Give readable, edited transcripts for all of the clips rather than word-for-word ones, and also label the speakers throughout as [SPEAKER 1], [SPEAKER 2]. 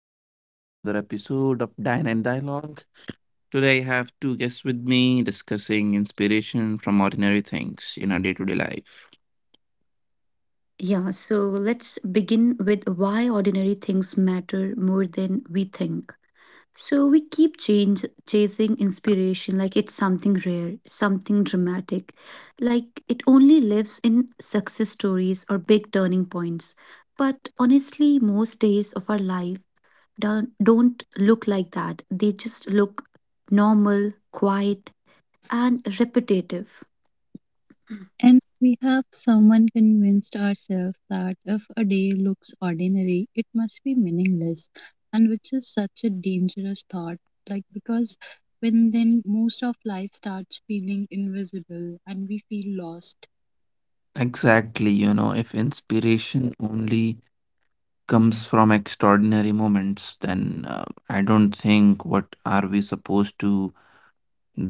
[SPEAKER 1] Welcome to another episode of Dine and Dialogue. Today I have two guests with me discussing inspiration from ordinary things in our day to day life.
[SPEAKER 2] Yeah, so let's begin with why ordinary things matter more than we think. So we keep change chasing inspiration like it's something rare, something dramatic, like it only lives in success stories or big turning points. But honestly, most days of our life don't look like that. They just look normal, quiet, and repetitive.
[SPEAKER 3] And we have someone convinced ourselves that if a day looks ordinary, it must be meaningless, and which is such a dangerous thought. Like, because when then most of life starts feeling invisible and we feel lost.
[SPEAKER 1] Exactly, if inspiration only comes from extraordinary moments, then I don't think what are we supposed to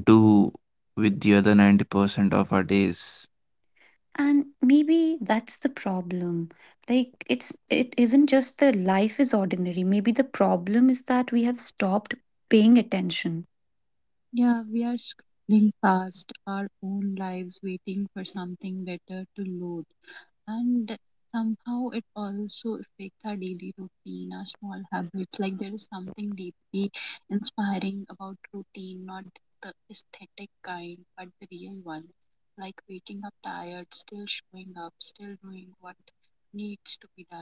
[SPEAKER 1] do with the other 90% of our days.
[SPEAKER 2] And maybe that's the problem. Like it isn't just the life is ordinary. Maybe the problem is that we have stopped paying attention.
[SPEAKER 3] Yeah, we are scrolling past our own lives waiting for something better to load. And somehow it also affects our daily routine, our small habits. Like there is something deeply inspiring about routine, not the aesthetic kind, but the real one. Like waking up tired, still showing up, still doing what needs to be done.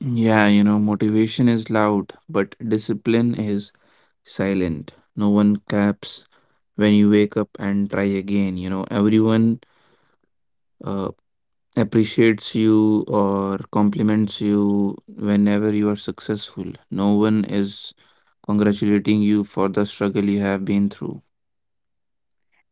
[SPEAKER 1] Yeah, motivation is loud, but discipline is silent. No one claps when you wake up and try again. You know everyone uh, appreciates you or compliments you whenever you are successful. No one is congratulating you for the struggle you have been through.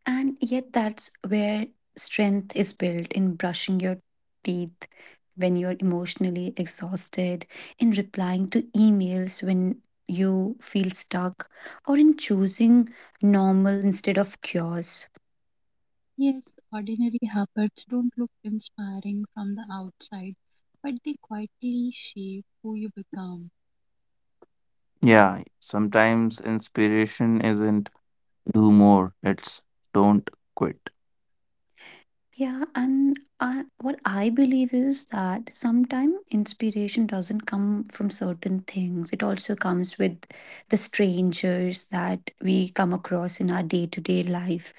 [SPEAKER 2] And yet that's where strength is built in brushing your teeth when you're emotionally exhausted, in replying to emails when you feel stuck, or in choosing normal instead of cures.
[SPEAKER 3] Yes, ordinary habits don't look inspiring from the outside, but they quietly shape who you become.
[SPEAKER 1] Yeah, sometimes inspiration isn't do more, it's don't quit.
[SPEAKER 2] Yeah, and what I believe is that sometimes inspiration doesn't come from certain things. It also comes with the strangers that we come across in our day to day life.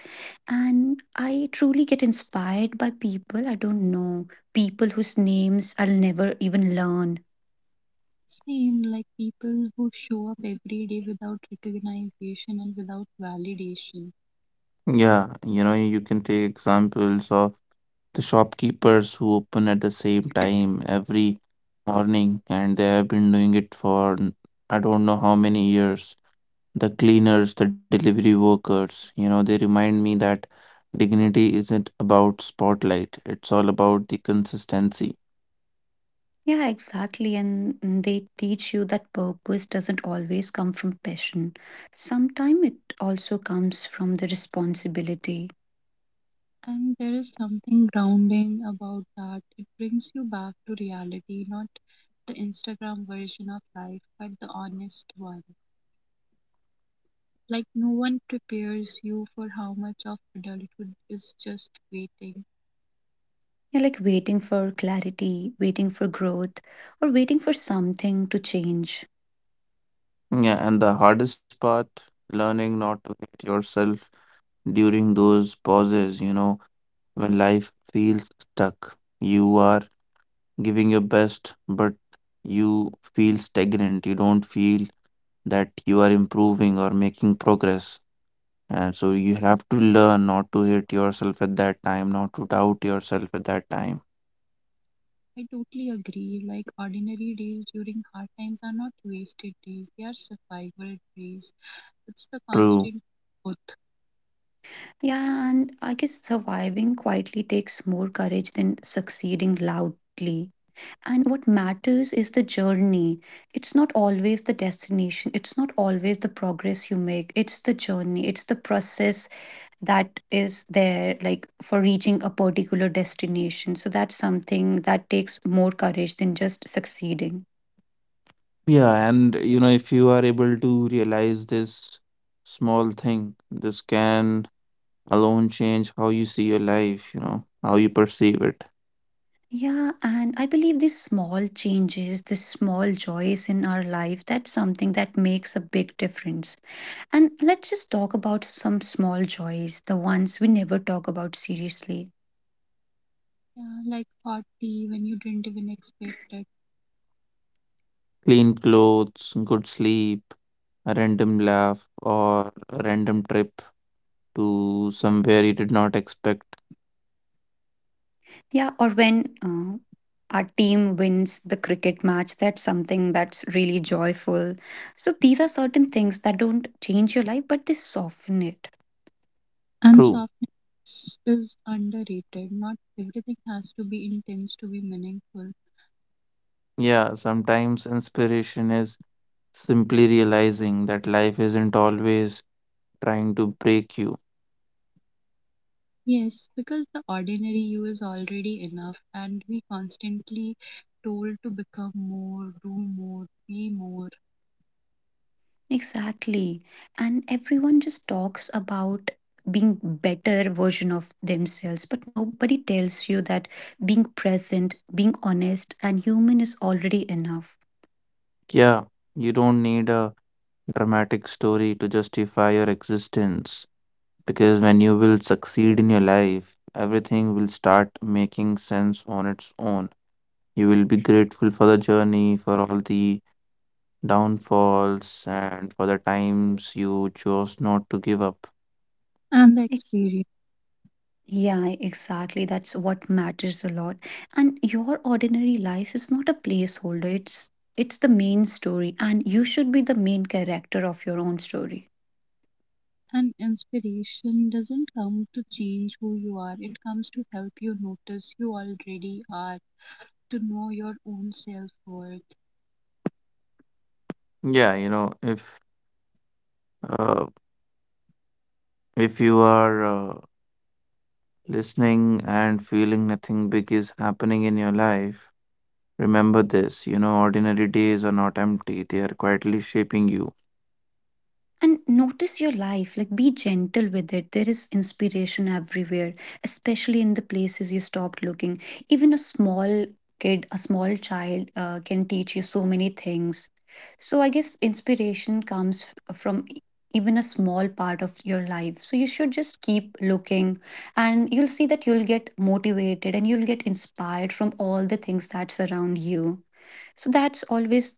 [SPEAKER 2] And I truly get inspired by people I don't know, people whose names I'll never even learn.
[SPEAKER 3] Same like people who show up every day without recognition and without validation.
[SPEAKER 1] Yeah you know you can take examples of the shopkeepers who open at the same time every morning, and they have been doing it for I don't know how many years. The cleaners, the delivery workers, they remind me that dignity isn't about spotlight, it's all about the consistency.
[SPEAKER 2] Yeah, exactly. And they teach you that purpose doesn't always come from passion. Sometimes it also comes from the responsibility.
[SPEAKER 3] And there is something grounding about that. It brings you back to reality, not the Instagram version of life, but the honest one. Like, no one prepares you for how much of adulthood is just waiting.
[SPEAKER 2] You're like waiting for clarity, waiting for growth, or waiting for something to change.
[SPEAKER 1] Yeah, and the hardest part, learning not to hate yourself during those pauses, when life feels stuck. You are giving your best, but you feel stagnant. You don't feel that you are improving or making progress. And so you have to learn not to hate yourself at that time, not to doubt yourself at that time.
[SPEAKER 3] I totally agree. Like, ordinary days during hard times are not wasted days, they are survival days. It's the
[SPEAKER 1] True.
[SPEAKER 3] constant.
[SPEAKER 2] Yeah, and I guess surviving quietly takes more courage than succeeding loudly. And what matters is the journey. It's not always the destination, it's not always the progress you make. It's the journey, it's the process that is there, like for reaching a particular destination. So that's something that takes more courage than just succeeding.
[SPEAKER 1] Yeah, and if you are able to realize this small thing, this can alone change how you see your life, how you perceive it.
[SPEAKER 2] Yeah, and I believe these small changes, the small joys in our life, that's something that makes a big difference. And let's just talk about some small joys, the ones we never talk about seriously.
[SPEAKER 3] Yeah, like hot tea when you didn't even expect it.
[SPEAKER 1] Clean clothes, good sleep, a random laugh, or a random trip to somewhere you did not expect.
[SPEAKER 2] Yeah, or when our team wins the cricket match, that's something that's really joyful. So these are certain things that don't change your life, but they soften it.
[SPEAKER 3] And
[SPEAKER 1] True.
[SPEAKER 3] softness is underrated. Not everything has to be intense to be meaningful.
[SPEAKER 1] Yeah, sometimes inspiration is simply realizing that life isn't always trying to break you.
[SPEAKER 3] Yes, because the ordinary you is already enough, and we constantly told to become more, do more, be more.
[SPEAKER 2] Exactly. And everyone just talks about being better version of themselves, but nobody tells you that being present, being honest and human is already enough.
[SPEAKER 1] Yeah, you don't need a dramatic story to justify your existence, because when you will succeed in your life, everything will start making sense on its own. You will be grateful for the journey, for all the downfalls, and for the times you chose not to give up.
[SPEAKER 3] And the
[SPEAKER 2] It's
[SPEAKER 3] experience
[SPEAKER 2] Yeah, exactly. That's what matters a lot. And your ordinary life is not a placeholder. It's the main story, and you should be the main character of your own story.
[SPEAKER 3] and inspiration doesn't come to change who you are, it comes to help you notice you already are, to know your own self worth.
[SPEAKER 1] Yeah, uh, if you are listening and feeling nothing big is happening in your life, remember this, ordinary days are not empty. They are quietly shaping you.
[SPEAKER 2] And notice your life, like be gentle with it. There is inspiration everywhere, especially in the places you stopped looking. Even a small kid, a small child can teach you so many things. So I guess inspiration comes from even a small part of your life, so you should just keep looking, and you'll see that you'll get motivated and you'll get inspired from all the things that surround you. So that's always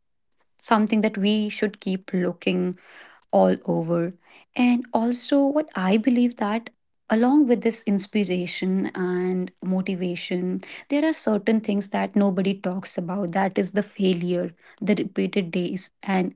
[SPEAKER 2] something that we should keep looking all over. And also, what I believe that along with this inspiration and motivation, there are certain things that nobody talks about, that is the failure, the repeated days, and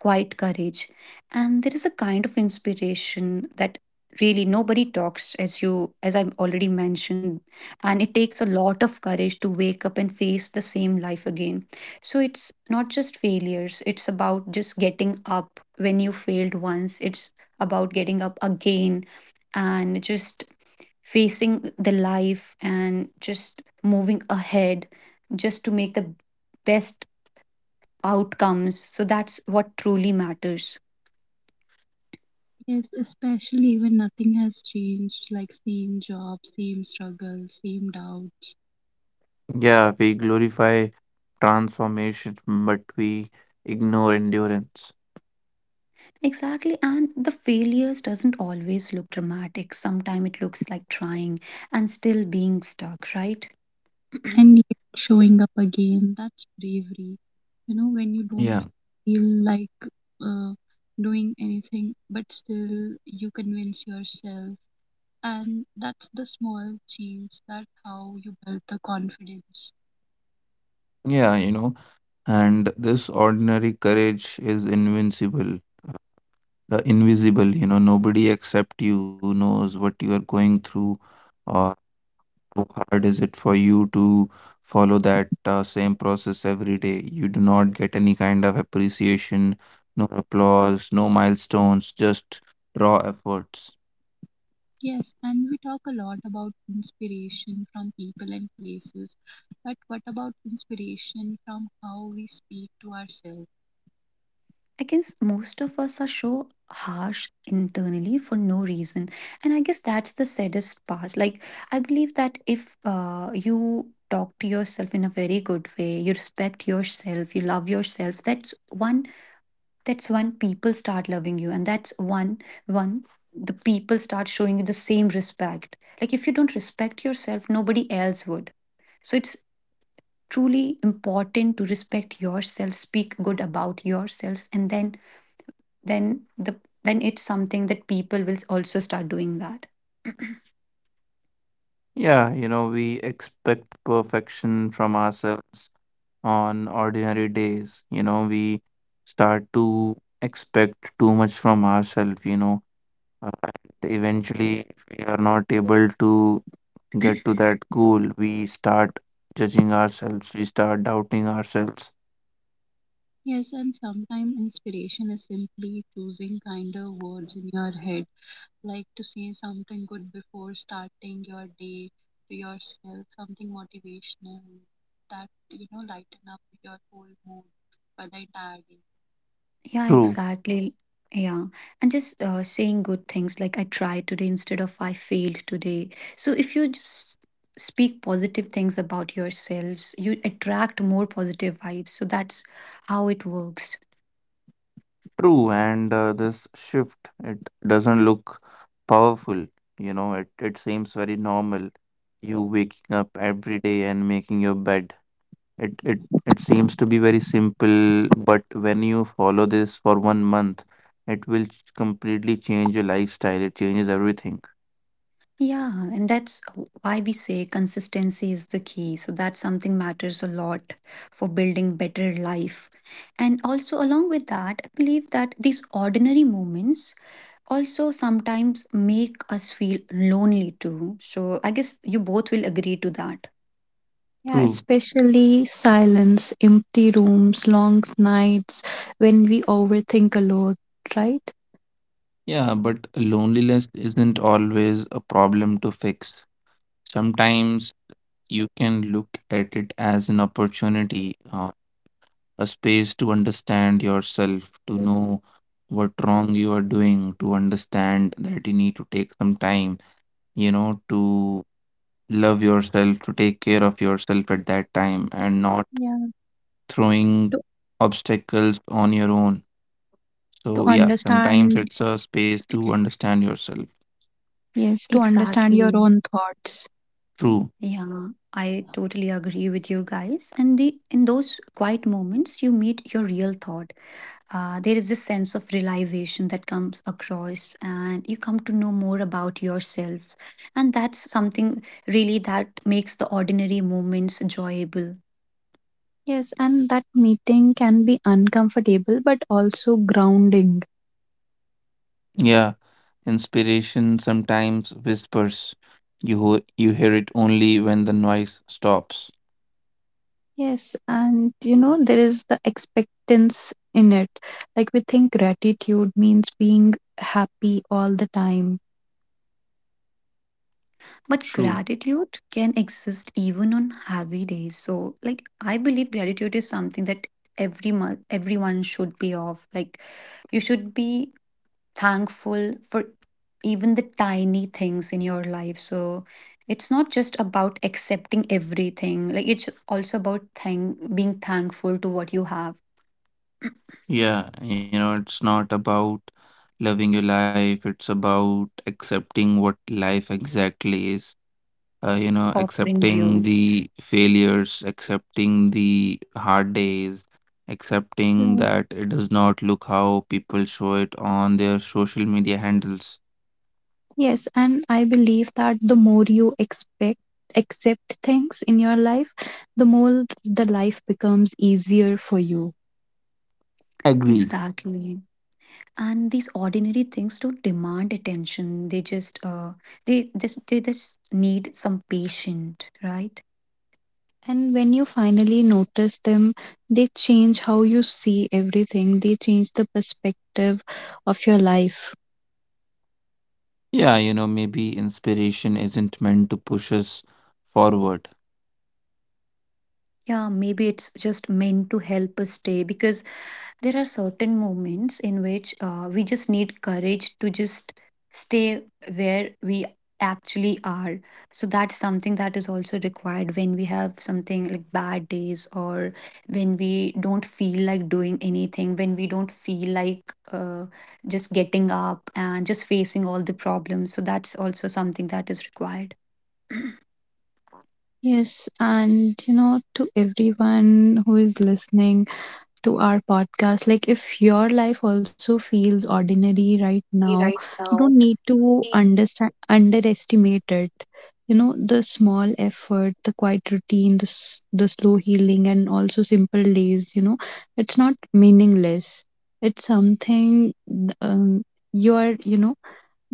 [SPEAKER 2] quiet courage. And there is a kind of inspiration that really nobody talks, as you, as I've already mentioned. And it takes a lot of courage to wake up and face the same life again. So it's not just failures, it's about just getting up when you failed once. It's about getting up again and just facing the life and just moving ahead just to make the best outcomes. So that's what truly matters.
[SPEAKER 3] Yes, especially when nothing has changed, like same job, same struggle, same doubt,
[SPEAKER 1] Yeah, we glorify transformation, but we ignore endurance.
[SPEAKER 2] Exactly, and the failures doesn't always look dramatic. Sometimes it looks like trying and still being stuck, right?
[SPEAKER 3] and yet showing up again. That's bravery. You know, when you
[SPEAKER 1] Yeah,
[SPEAKER 3] don't feel like uh, doing anything, but still you convince yourself. And that's the small change that how you build the confidence.
[SPEAKER 1] yeah, you know, and this ordinary courage is invisible. Nobody except you knows what you are going through or. How hard is it for you to follow that same process every day? You do not get any kind of appreciation, no applause, no milestones, just raw efforts.
[SPEAKER 3] Yes, and we talk a lot about inspiration from people and places. But what about inspiration from how we speak to ourselves?
[SPEAKER 2] I guess most of us are so harsh internally for no reason, and I guess that's the saddest part. Like, I believe that if you talk to yourself in a very good way, you respect yourself, you love yourself. That's when people start loving you, and that's one one the people start showing you the same respect. Like, if you don't respect yourself, nobody else would. So it's truly important to respect yourself, speak good about yourselves, and then the then it's something that people will also start doing that.
[SPEAKER 1] Yeah, we expect perfection from ourselves on ordinary days. We start to expect too much from ourselves, and eventually, if we are not able to get to that goal, we start judging ourselves, we start doubting ourselves.
[SPEAKER 3] Yes, and sometimes inspiration is simply choosing kinder words in your head, like to say something good before starting your day to yourself, something motivational that you know lighten up your whole mood for the entire day.
[SPEAKER 2] Yeah,
[SPEAKER 1] True,
[SPEAKER 2] exactly. Yeah. And just saying good things like I tried today instead of I failed today. So if you just speak positive things about yourselves, you attract more positive vibes. So that's how it works.
[SPEAKER 1] true. And this shift, it doesn't look powerful. It seems very normal. You waking up every day and making your bed. It seems to be very simple, but when you follow this for one month, it will completely change your lifestyle. It changes everything.
[SPEAKER 2] Yeah, and that's why we say consistency is the key. So that something matters a lot for building better life. And also, along with that, I believe that these ordinary moments also sometimes make us feel lonely too. So I guess you both will agree to that.
[SPEAKER 3] Yeah,
[SPEAKER 1] True.
[SPEAKER 3] especially silence, empty rooms, long nights when we overthink a lot, right?
[SPEAKER 1] Yeah, but loneliness isn't always a problem to fix. Sometimes you can look at it as an opportunity, a space to understand yourself, to know what wrong you are doing, to understand that you need to take some time, to love yourself, to take care of yourself at that time and not
[SPEAKER 3] Yeah,
[SPEAKER 1] throwing
[SPEAKER 3] To,
[SPEAKER 1] obstacles on your own.
[SPEAKER 3] to
[SPEAKER 1] So, yeah, sometimes
[SPEAKER 3] understand,
[SPEAKER 1] it's a space to understand yourself.
[SPEAKER 3] yes, to understand your
[SPEAKER 2] Exactly.
[SPEAKER 3] own thoughts.
[SPEAKER 1] True.
[SPEAKER 2] Yeah, I totally agree with you guys. And the in those quiet moments you meet your real thought. There is this sense of realization that comes across, and you come to know more about yourself, and that's something really that makes the ordinary moments enjoyable.
[SPEAKER 3] Yes, and that meeting can be uncomfortable but also grounding.
[SPEAKER 1] Yeah, inspiration sometimes whispers. You hear it only when the noise stops.
[SPEAKER 3] Yes, and you know, there is the expectance in it. Like we think gratitude means being happy all the time.
[SPEAKER 2] But
[SPEAKER 1] True.
[SPEAKER 2] gratitude can exist even on heavy days. So like, I believe gratitude is something that every month everyone should be of. Like, you should be thankful for even the tiny things in your life. So it's not just about accepting everything, like, it's also about being thankful to what you have
[SPEAKER 1] Yeah, it's not about loving your life, it's about accepting what life exactly is.
[SPEAKER 2] offering
[SPEAKER 1] Accepting
[SPEAKER 2] you.
[SPEAKER 1] the failures, accepting the hard days, accepting
[SPEAKER 3] Right.
[SPEAKER 1] that it does not look how people show it on their social media handles.
[SPEAKER 3] Yes, and I believe that the more you expect, accept things in your life, the more the life becomes easier for you.
[SPEAKER 1] Agreed.
[SPEAKER 2] Exactly. And these ordinary things don't demand attention. They just need some patience, right?
[SPEAKER 3] And when you finally notice them, they change how you see everything. They change the perspective of your life.
[SPEAKER 1] Yeah, maybe inspiration isn't meant to push us forward.
[SPEAKER 2] Yeah, maybe it's just meant to help us stay, because there are certain moments in which we just need courage to just stay where we actually are. So that's something that is also required when we have something like bad days, or when we don't feel like doing anything, when we don't feel like just getting up and just facing all the problems. So that's also something that is required
[SPEAKER 3] Yes, and you know, to everyone who is listening, to our podcast. Like, if your life also feels ordinary right now,
[SPEAKER 2] right
[SPEAKER 3] you don't
[SPEAKER 2] now.
[SPEAKER 3] need to understand, underestimate it. You know, the small effort, the quiet routine, the slow healing, and also simple days, you know, it's not meaningless. It's something um, you're, you know,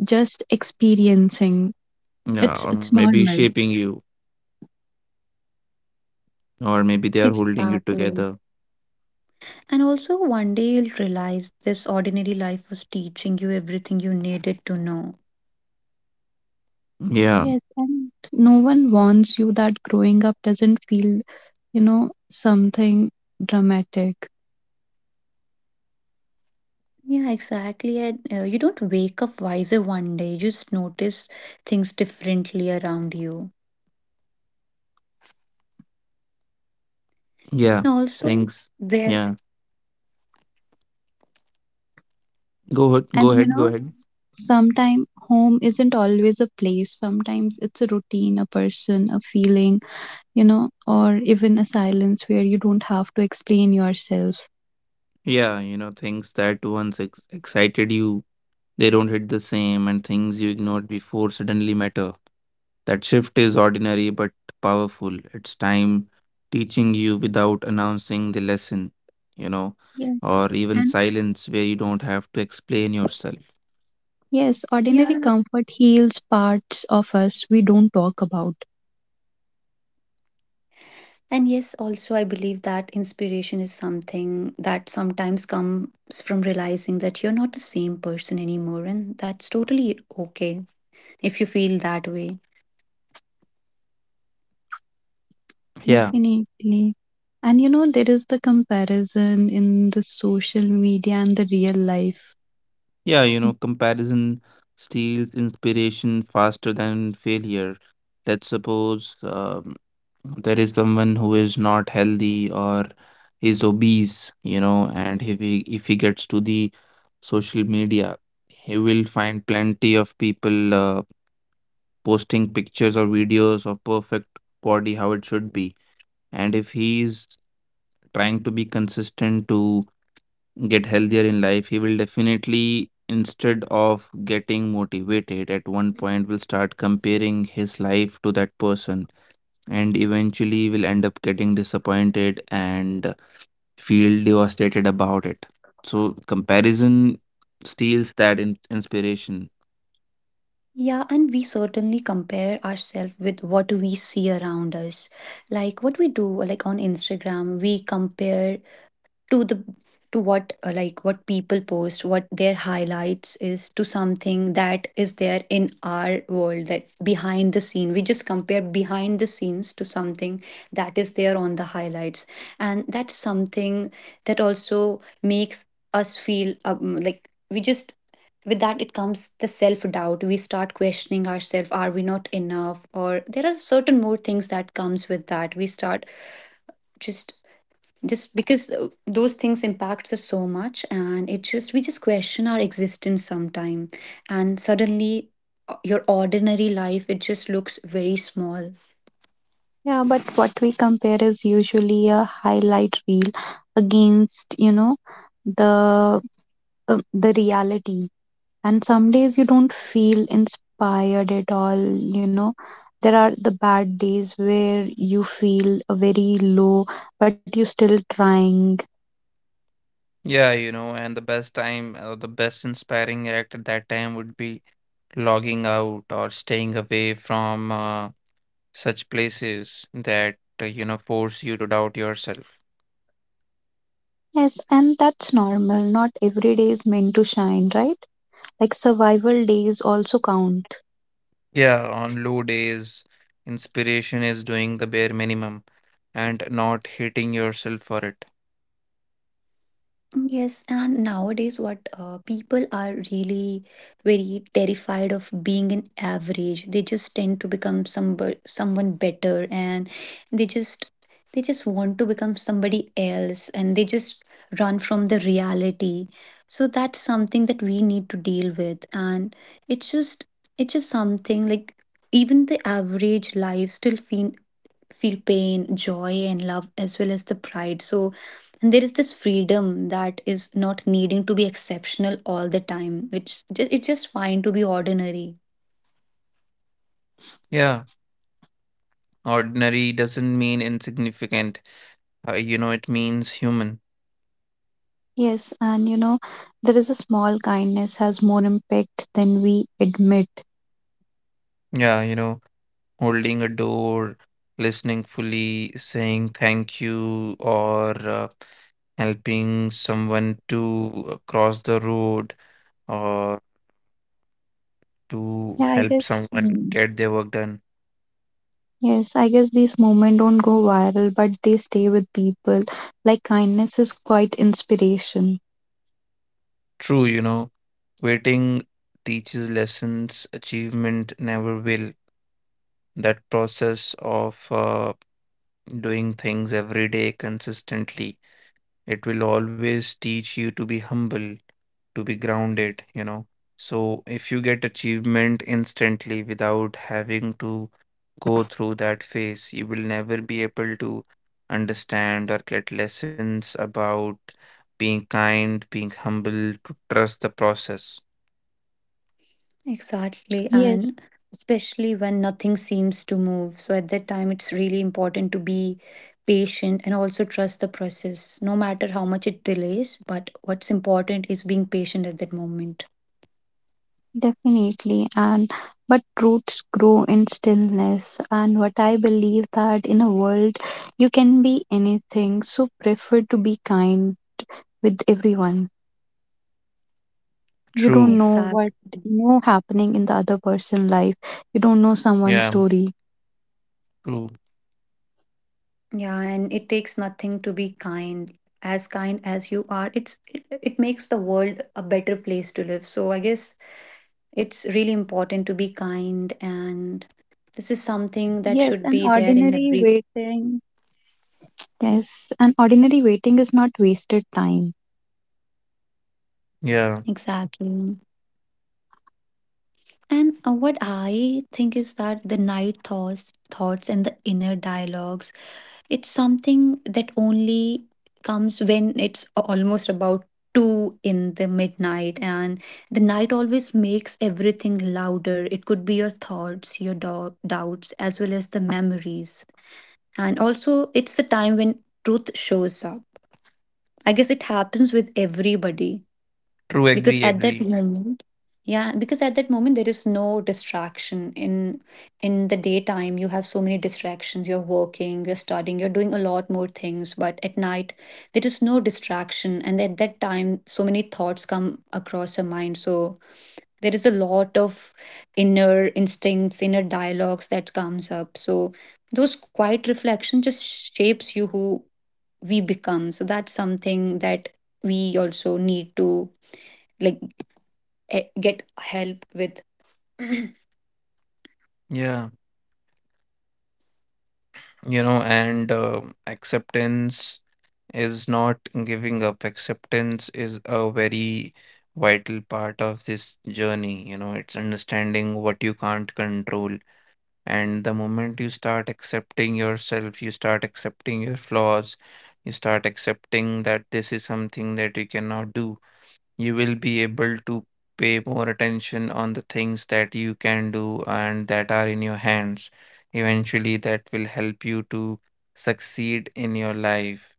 [SPEAKER 3] just experiencing.
[SPEAKER 1] Yeah,
[SPEAKER 3] It's,
[SPEAKER 1] or
[SPEAKER 3] it's
[SPEAKER 1] maybe
[SPEAKER 3] normal.
[SPEAKER 1] shaping you, or maybe they are holding you
[SPEAKER 2] Exactly.
[SPEAKER 1] together.
[SPEAKER 2] And also, one day you'll realize this ordinary life was teaching you everything you needed to know.
[SPEAKER 1] Yeah,
[SPEAKER 3] Yes, and no one warns you that growing up doesn't feel, you know, something dramatic.
[SPEAKER 2] Yeah, exactly. And you don't wake up wiser one day, you just notice things differently around you.
[SPEAKER 1] yeah,
[SPEAKER 2] And also,
[SPEAKER 1] things.
[SPEAKER 2] there,
[SPEAKER 1] Yeah, go ahead,
[SPEAKER 3] And,
[SPEAKER 1] go
[SPEAKER 3] you
[SPEAKER 1] ahead, go
[SPEAKER 3] know,
[SPEAKER 1] ahead.
[SPEAKER 3] sometimes home isn't always a place. Sometimes it's a routine, a person, a feeling, you know, or even a silence where you don't have to explain yourself.
[SPEAKER 1] Yeah, things that once excited you, they don't hit the same, and things you ignored before suddenly matter. That shift is ordinary but powerful. It's time teaching you without announcing the lesson, you know, or
[SPEAKER 3] Yes.
[SPEAKER 1] even
[SPEAKER 3] And
[SPEAKER 1] silence where you don't have to explain yourself.
[SPEAKER 3] yes, ordinary
[SPEAKER 2] yeah.
[SPEAKER 3] comfort heals parts of us we don't talk about.
[SPEAKER 2] And yes, also, I believe that inspiration is something that sometimes comes from realizing that you're not the same person anymore, and that's totally okay if you feel that way.
[SPEAKER 1] Yeah,
[SPEAKER 3] Definitely. And you know, there is the comparison in the social media and the real life.
[SPEAKER 1] Comparison steals inspiration faster than failure. Let's suppose there is someone who is not healthy or is obese, and if he gets to the social media, he will find plenty of people. Posting pictures or videos of perfect body how it should be, and if he is trying to be consistent to get healthier in life, he will definitely, instead of getting motivated at one point, will start comparing his life to that person and eventually will end up getting disappointed and feel devastated about it. So comparison steals that inspiration.
[SPEAKER 2] Yeah, and we certainly compare ourselves with what we see around us. Like what we do, like on Instagram, we compare to the to what like what people post, what their highlights is, to something that is there in our world that behind the scene. We just compare behind the scenes to something that is there on the highlights. And that's something that also makes us feel like we just with that it comes the self doubt. We start questioning ourselves, are we not enough? Or there are certain more things that comes with that we start just because those things impacts us so much, and it just we just question our existence sometime. And suddenly your ordinary life, it just looks very small.
[SPEAKER 3] Yeah, but what we compare is usually a highlight reel against, you know, the the reality. And some days you don't feel inspired at all, you know. There are the bad days where you feel very low, but you're still trying.
[SPEAKER 1] Yeah, and the best time, the best inspiring act at that time would be logging out or staying away from such places that, force you to doubt yourself.
[SPEAKER 3] Yes, and that's normal. Not every day is meant to shine, right? Like survival days also count.
[SPEAKER 1] Yeah, on low days, inspiration is doing the bare minimum and not hating yourself for it.
[SPEAKER 2] Yes, and nowadays, what people are really very terrified of being an average. They just tend to become someone better, and they just they just want to become somebody else, and they just run from the reality. So that's something that we need to deal with, and it's just it's just something like even the average life still feel pain, joy, and love, as well as the pride. So, and there is this freedom that is not needing to be exceptional all the time, which it's just fine to be ordinary.
[SPEAKER 1] Yeah, ordinary doesn't mean insignificant. It means human.
[SPEAKER 3] Yes, and you know, there is a small kindness has more impact than we admit.
[SPEAKER 1] Yeah, you know. Holding a door, listening fully, saying thank you, or uh, helping someone to cross the road, or to
[SPEAKER 3] Yeah, I
[SPEAKER 1] help
[SPEAKER 3] guess
[SPEAKER 1] someone get their work done.
[SPEAKER 3] yes, I guess these moments don't go viral but they stay with people. Like kindness is quite inspiration.
[SPEAKER 1] True, waiting teaches lessons, achievement never will. That process of doing things every day consistently, it will always teach you to be humble, to be grounded, So if you get achievement instantly without having to go through that phase, you will never be able to understand or get lessons about being kind, being humble, to trust the process.
[SPEAKER 2] Exactly.
[SPEAKER 3] Yes,
[SPEAKER 2] And especially when nothing seems to move. So, at that time, it's really important to be patient and also trust the process, no matter how much it delays. But what's important is being patient at that moment.
[SPEAKER 3] definitely. And but roots grow in stillness, and what I believe that in a world you can be anything, so prefer to be kind with everyone. You
[SPEAKER 1] True.
[SPEAKER 3] don't know what,
[SPEAKER 2] Exactly.
[SPEAKER 3] you know, happening in the other person's life. You don't know
[SPEAKER 1] Yeah.
[SPEAKER 3] someone's story.
[SPEAKER 1] True.
[SPEAKER 2] Yeah, and it takes nothing to be kind. As kind as you are, it makes the world a better place to live. So I guess it's really important to be kind, and this is something that
[SPEAKER 3] Yes,
[SPEAKER 2] should
[SPEAKER 3] an
[SPEAKER 2] be there in
[SPEAKER 3] ordinary
[SPEAKER 2] every.
[SPEAKER 3] waiting. Yes, an ordinary waiting is not wasted time.
[SPEAKER 1] Yeah.
[SPEAKER 2] Exactly. And what I think is that the night thoughts and the inner dialogues, it's something that only comes when it's almost about 2 in the midnight, and the night always makes everything louder. It could be your thoughts, your doubts, as well as the memories, and also it's the time when truth shows up. I guess it happens with everybody,
[SPEAKER 1] True.
[SPEAKER 2] because
[SPEAKER 1] Agree.
[SPEAKER 2] at that
[SPEAKER 1] Agree.
[SPEAKER 2] moment yeah because at that moment there is no distraction. In the daytime you have so many distractions, you're working, you're studying, you're doing a lot more things, but at night there is no distraction, and at that time so many thoughts come across your mind. So there is a lot of inner instincts, inner dialogues that comes up, so those quiet reflection just shapes you who we become. So that's something that we also need to, like, get help with.
[SPEAKER 1] Yeah. you know and Acceptance is not giving up. Acceptance is a very vital part of this journey. You know it's understanding what you can't control, and the moment you start accepting yourself, you start accepting your flaws, you start accepting that this is something that you cannot do, you will be able to pay more attention on the things that you can do and that are in your hands. Eventually, that will help you to succeed in your life.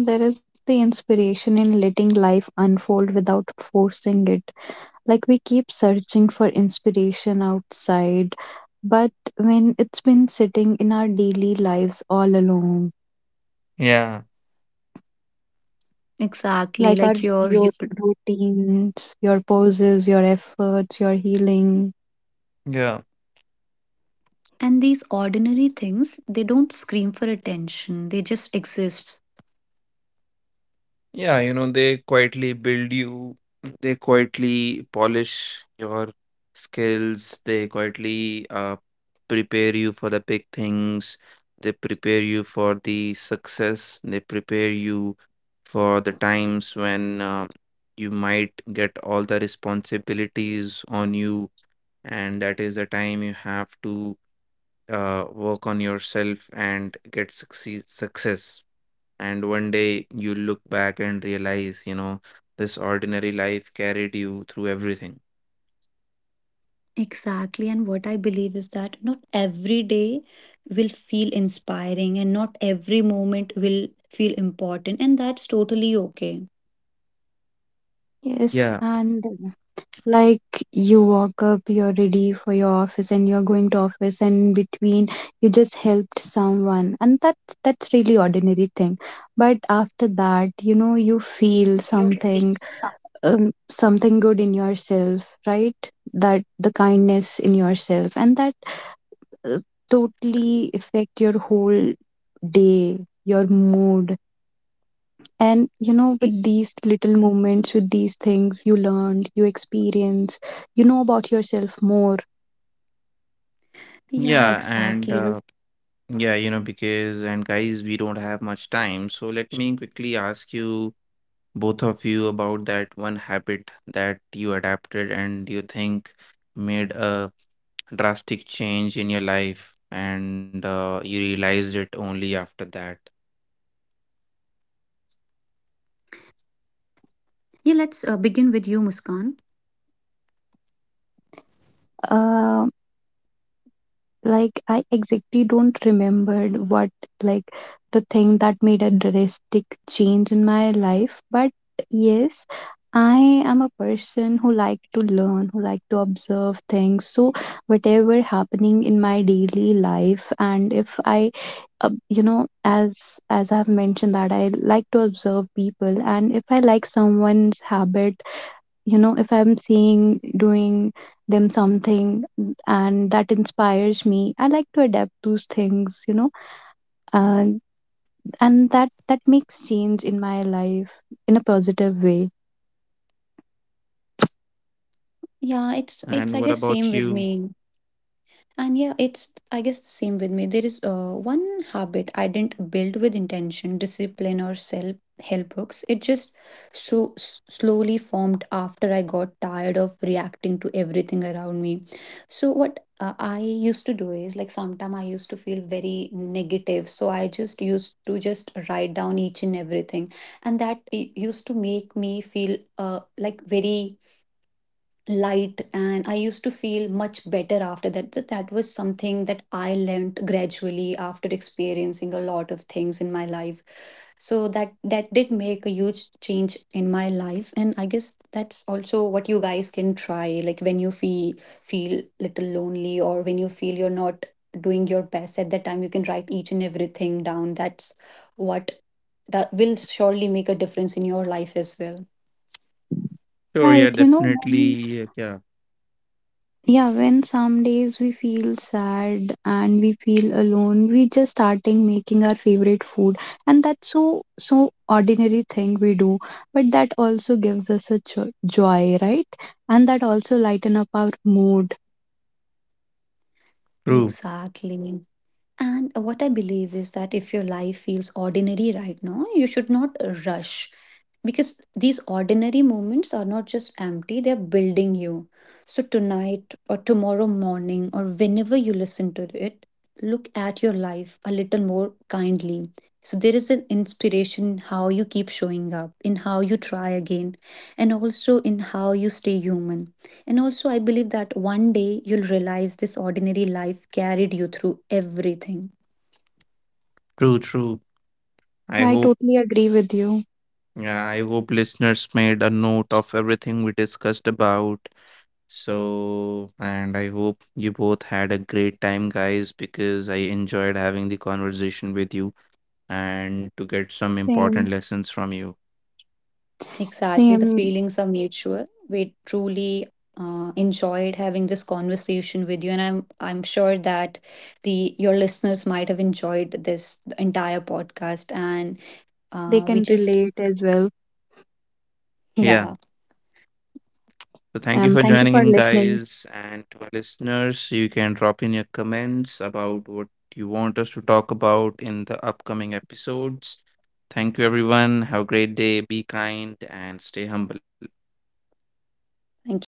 [SPEAKER 3] And there is the inspiration in letting life unfold without forcing it. Like we keep searching for inspiration outside, but when it's been sitting in our daily lives all along,
[SPEAKER 1] Yeah,
[SPEAKER 2] Exactly,
[SPEAKER 3] like our
[SPEAKER 2] like
[SPEAKER 3] your routines, your poses, your efforts, your healing.
[SPEAKER 1] yeah.
[SPEAKER 2] and these ordinary things, they don't scream for attention. They just exist.
[SPEAKER 1] Yeah, they quietly build you, they quietly polish your skills, they quietly prepare you for the big things, they prepare you for the success, they prepare you for the times when you might get all the responsibilities on you, and that is the time you have to work on yourself and get succeed success. And one day you look back and realize, this ordinary life carried you through everything.
[SPEAKER 2] Exactly, and what I believe is that not every day will feel inspiring, and not every moment will feel important, and that's totally okay.
[SPEAKER 3] Yes,
[SPEAKER 1] Yeah,
[SPEAKER 3] and like you walk up, you're ready for your office and you're going to office and in between you just helped someone and that's really ordinary thing. But after that, you know, you feel
[SPEAKER 2] You can feel
[SPEAKER 3] something
[SPEAKER 2] stuff.
[SPEAKER 3] something good in yourself, right? That the kindness in yourself and that uh, totally affect your whole day, your mood, and you know,
[SPEAKER 2] Y-
[SPEAKER 3] with these little moments, with these things you learned, you experience, you know about yourself more.
[SPEAKER 2] Yeah,
[SPEAKER 1] yeah, and
[SPEAKER 2] exactly. Like,
[SPEAKER 1] yeah, you know, because, And guys, we don't have much time. So let me quickly ask you, both of you, about that one habit that you adapted and you think made a drastic change in your life, and you realized it only after that.
[SPEAKER 2] yeah, let's begin with you, Muskan.
[SPEAKER 3] Um, like I exactly don't remember what, like the thing that made a drastic change in my life, but yes, I am a person who like to learn, who like to observe things. So whatever happening in my daily life, and if I you know, as I've mentioned that I like to observe people, and if I like someone's habit, you know, if I'm seeing doing them something, and that inspires me, I like to adapt those things, you know. And and that makes change in my life in a positive way.
[SPEAKER 2] Yeah, it's
[SPEAKER 1] And what
[SPEAKER 2] it's I guess
[SPEAKER 1] about
[SPEAKER 2] same
[SPEAKER 1] you?
[SPEAKER 2] with me. And yeah, it's, I guess, the same with me. There is one habit I didn't build with intention, discipline, or self help books. It just so slowly formed after I got tired of reacting to everything around me. So, what I used to do is like sometimes I used to feel very negative. So, I just used to just write down each and everything. And that used to make me feel like very light, and I used to feel much better after that. That was something that I learned gradually after experiencing a lot of things in my life. So that did make a huge change in my life, and I guess that's also what you guys can try. Like when you feel little lonely, or when you feel you're not doing your best at that time, you can write each and everything down. That's what that will surely make a difference in your life as well.
[SPEAKER 1] Sure, yeah,
[SPEAKER 3] Right, you know,
[SPEAKER 1] definitely. Yeah,
[SPEAKER 3] yeah, when some days we feel sad and we feel alone, we just starting making our favorite food, and that's so ordinary thing we do, but that also gives us a joy, right? And that also lighten up our mood.
[SPEAKER 1] true,
[SPEAKER 2] Exactly. And what I believe is that if your life feels ordinary right now, you should not rush, because these ordinary moments are not just empty, they're building you. So, tonight or tomorrow morning, or whenever you listen to it, look at your life a little more kindly. So, there is an inspiration in how you keep showing up, in how you try again, and also in how you stay human. And also, I believe that one day you'll realize this ordinary life carried you through everything.
[SPEAKER 1] true, true. I
[SPEAKER 3] Yeah, I
[SPEAKER 1] hope,
[SPEAKER 3] totally agree with you.
[SPEAKER 1] yeah, I hope listeners made a note of everything we discussed about. So, and I hope you both had a great time, guys, because I enjoyed having the conversation with you and to get some important
[SPEAKER 3] Same.
[SPEAKER 1] lessons from you.
[SPEAKER 2] Exactly. The
[SPEAKER 3] Same.
[SPEAKER 2] feelings are mutual. We truly enjoyed having this conversation with you, and I'm sure that the your listeners might have enjoyed this entire podcast. And
[SPEAKER 3] They
[SPEAKER 2] we
[SPEAKER 3] can
[SPEAKER 2] just
[SPEAKER 3] relate as well.
[SPEAKER 2] yeah,
[SPEAKER 1] Yeah. So, thank
[SPEAKER 3] Um,
[SPEAKER 1] you for
[SPEAKER 3] thank you
[SPEAKER 1] joining
[SPEAKER 3] for
[SPEAKER 1] in,
[SPEAKER 3] listening.
[SPEAKER 1] guys. And to our listeners, you can drop in your comments about what you want us to talk about in the upcoming episodes. Thank you, everyone. Have a great day. Be kind and stay humble.
[SPEAKER 2] thank you.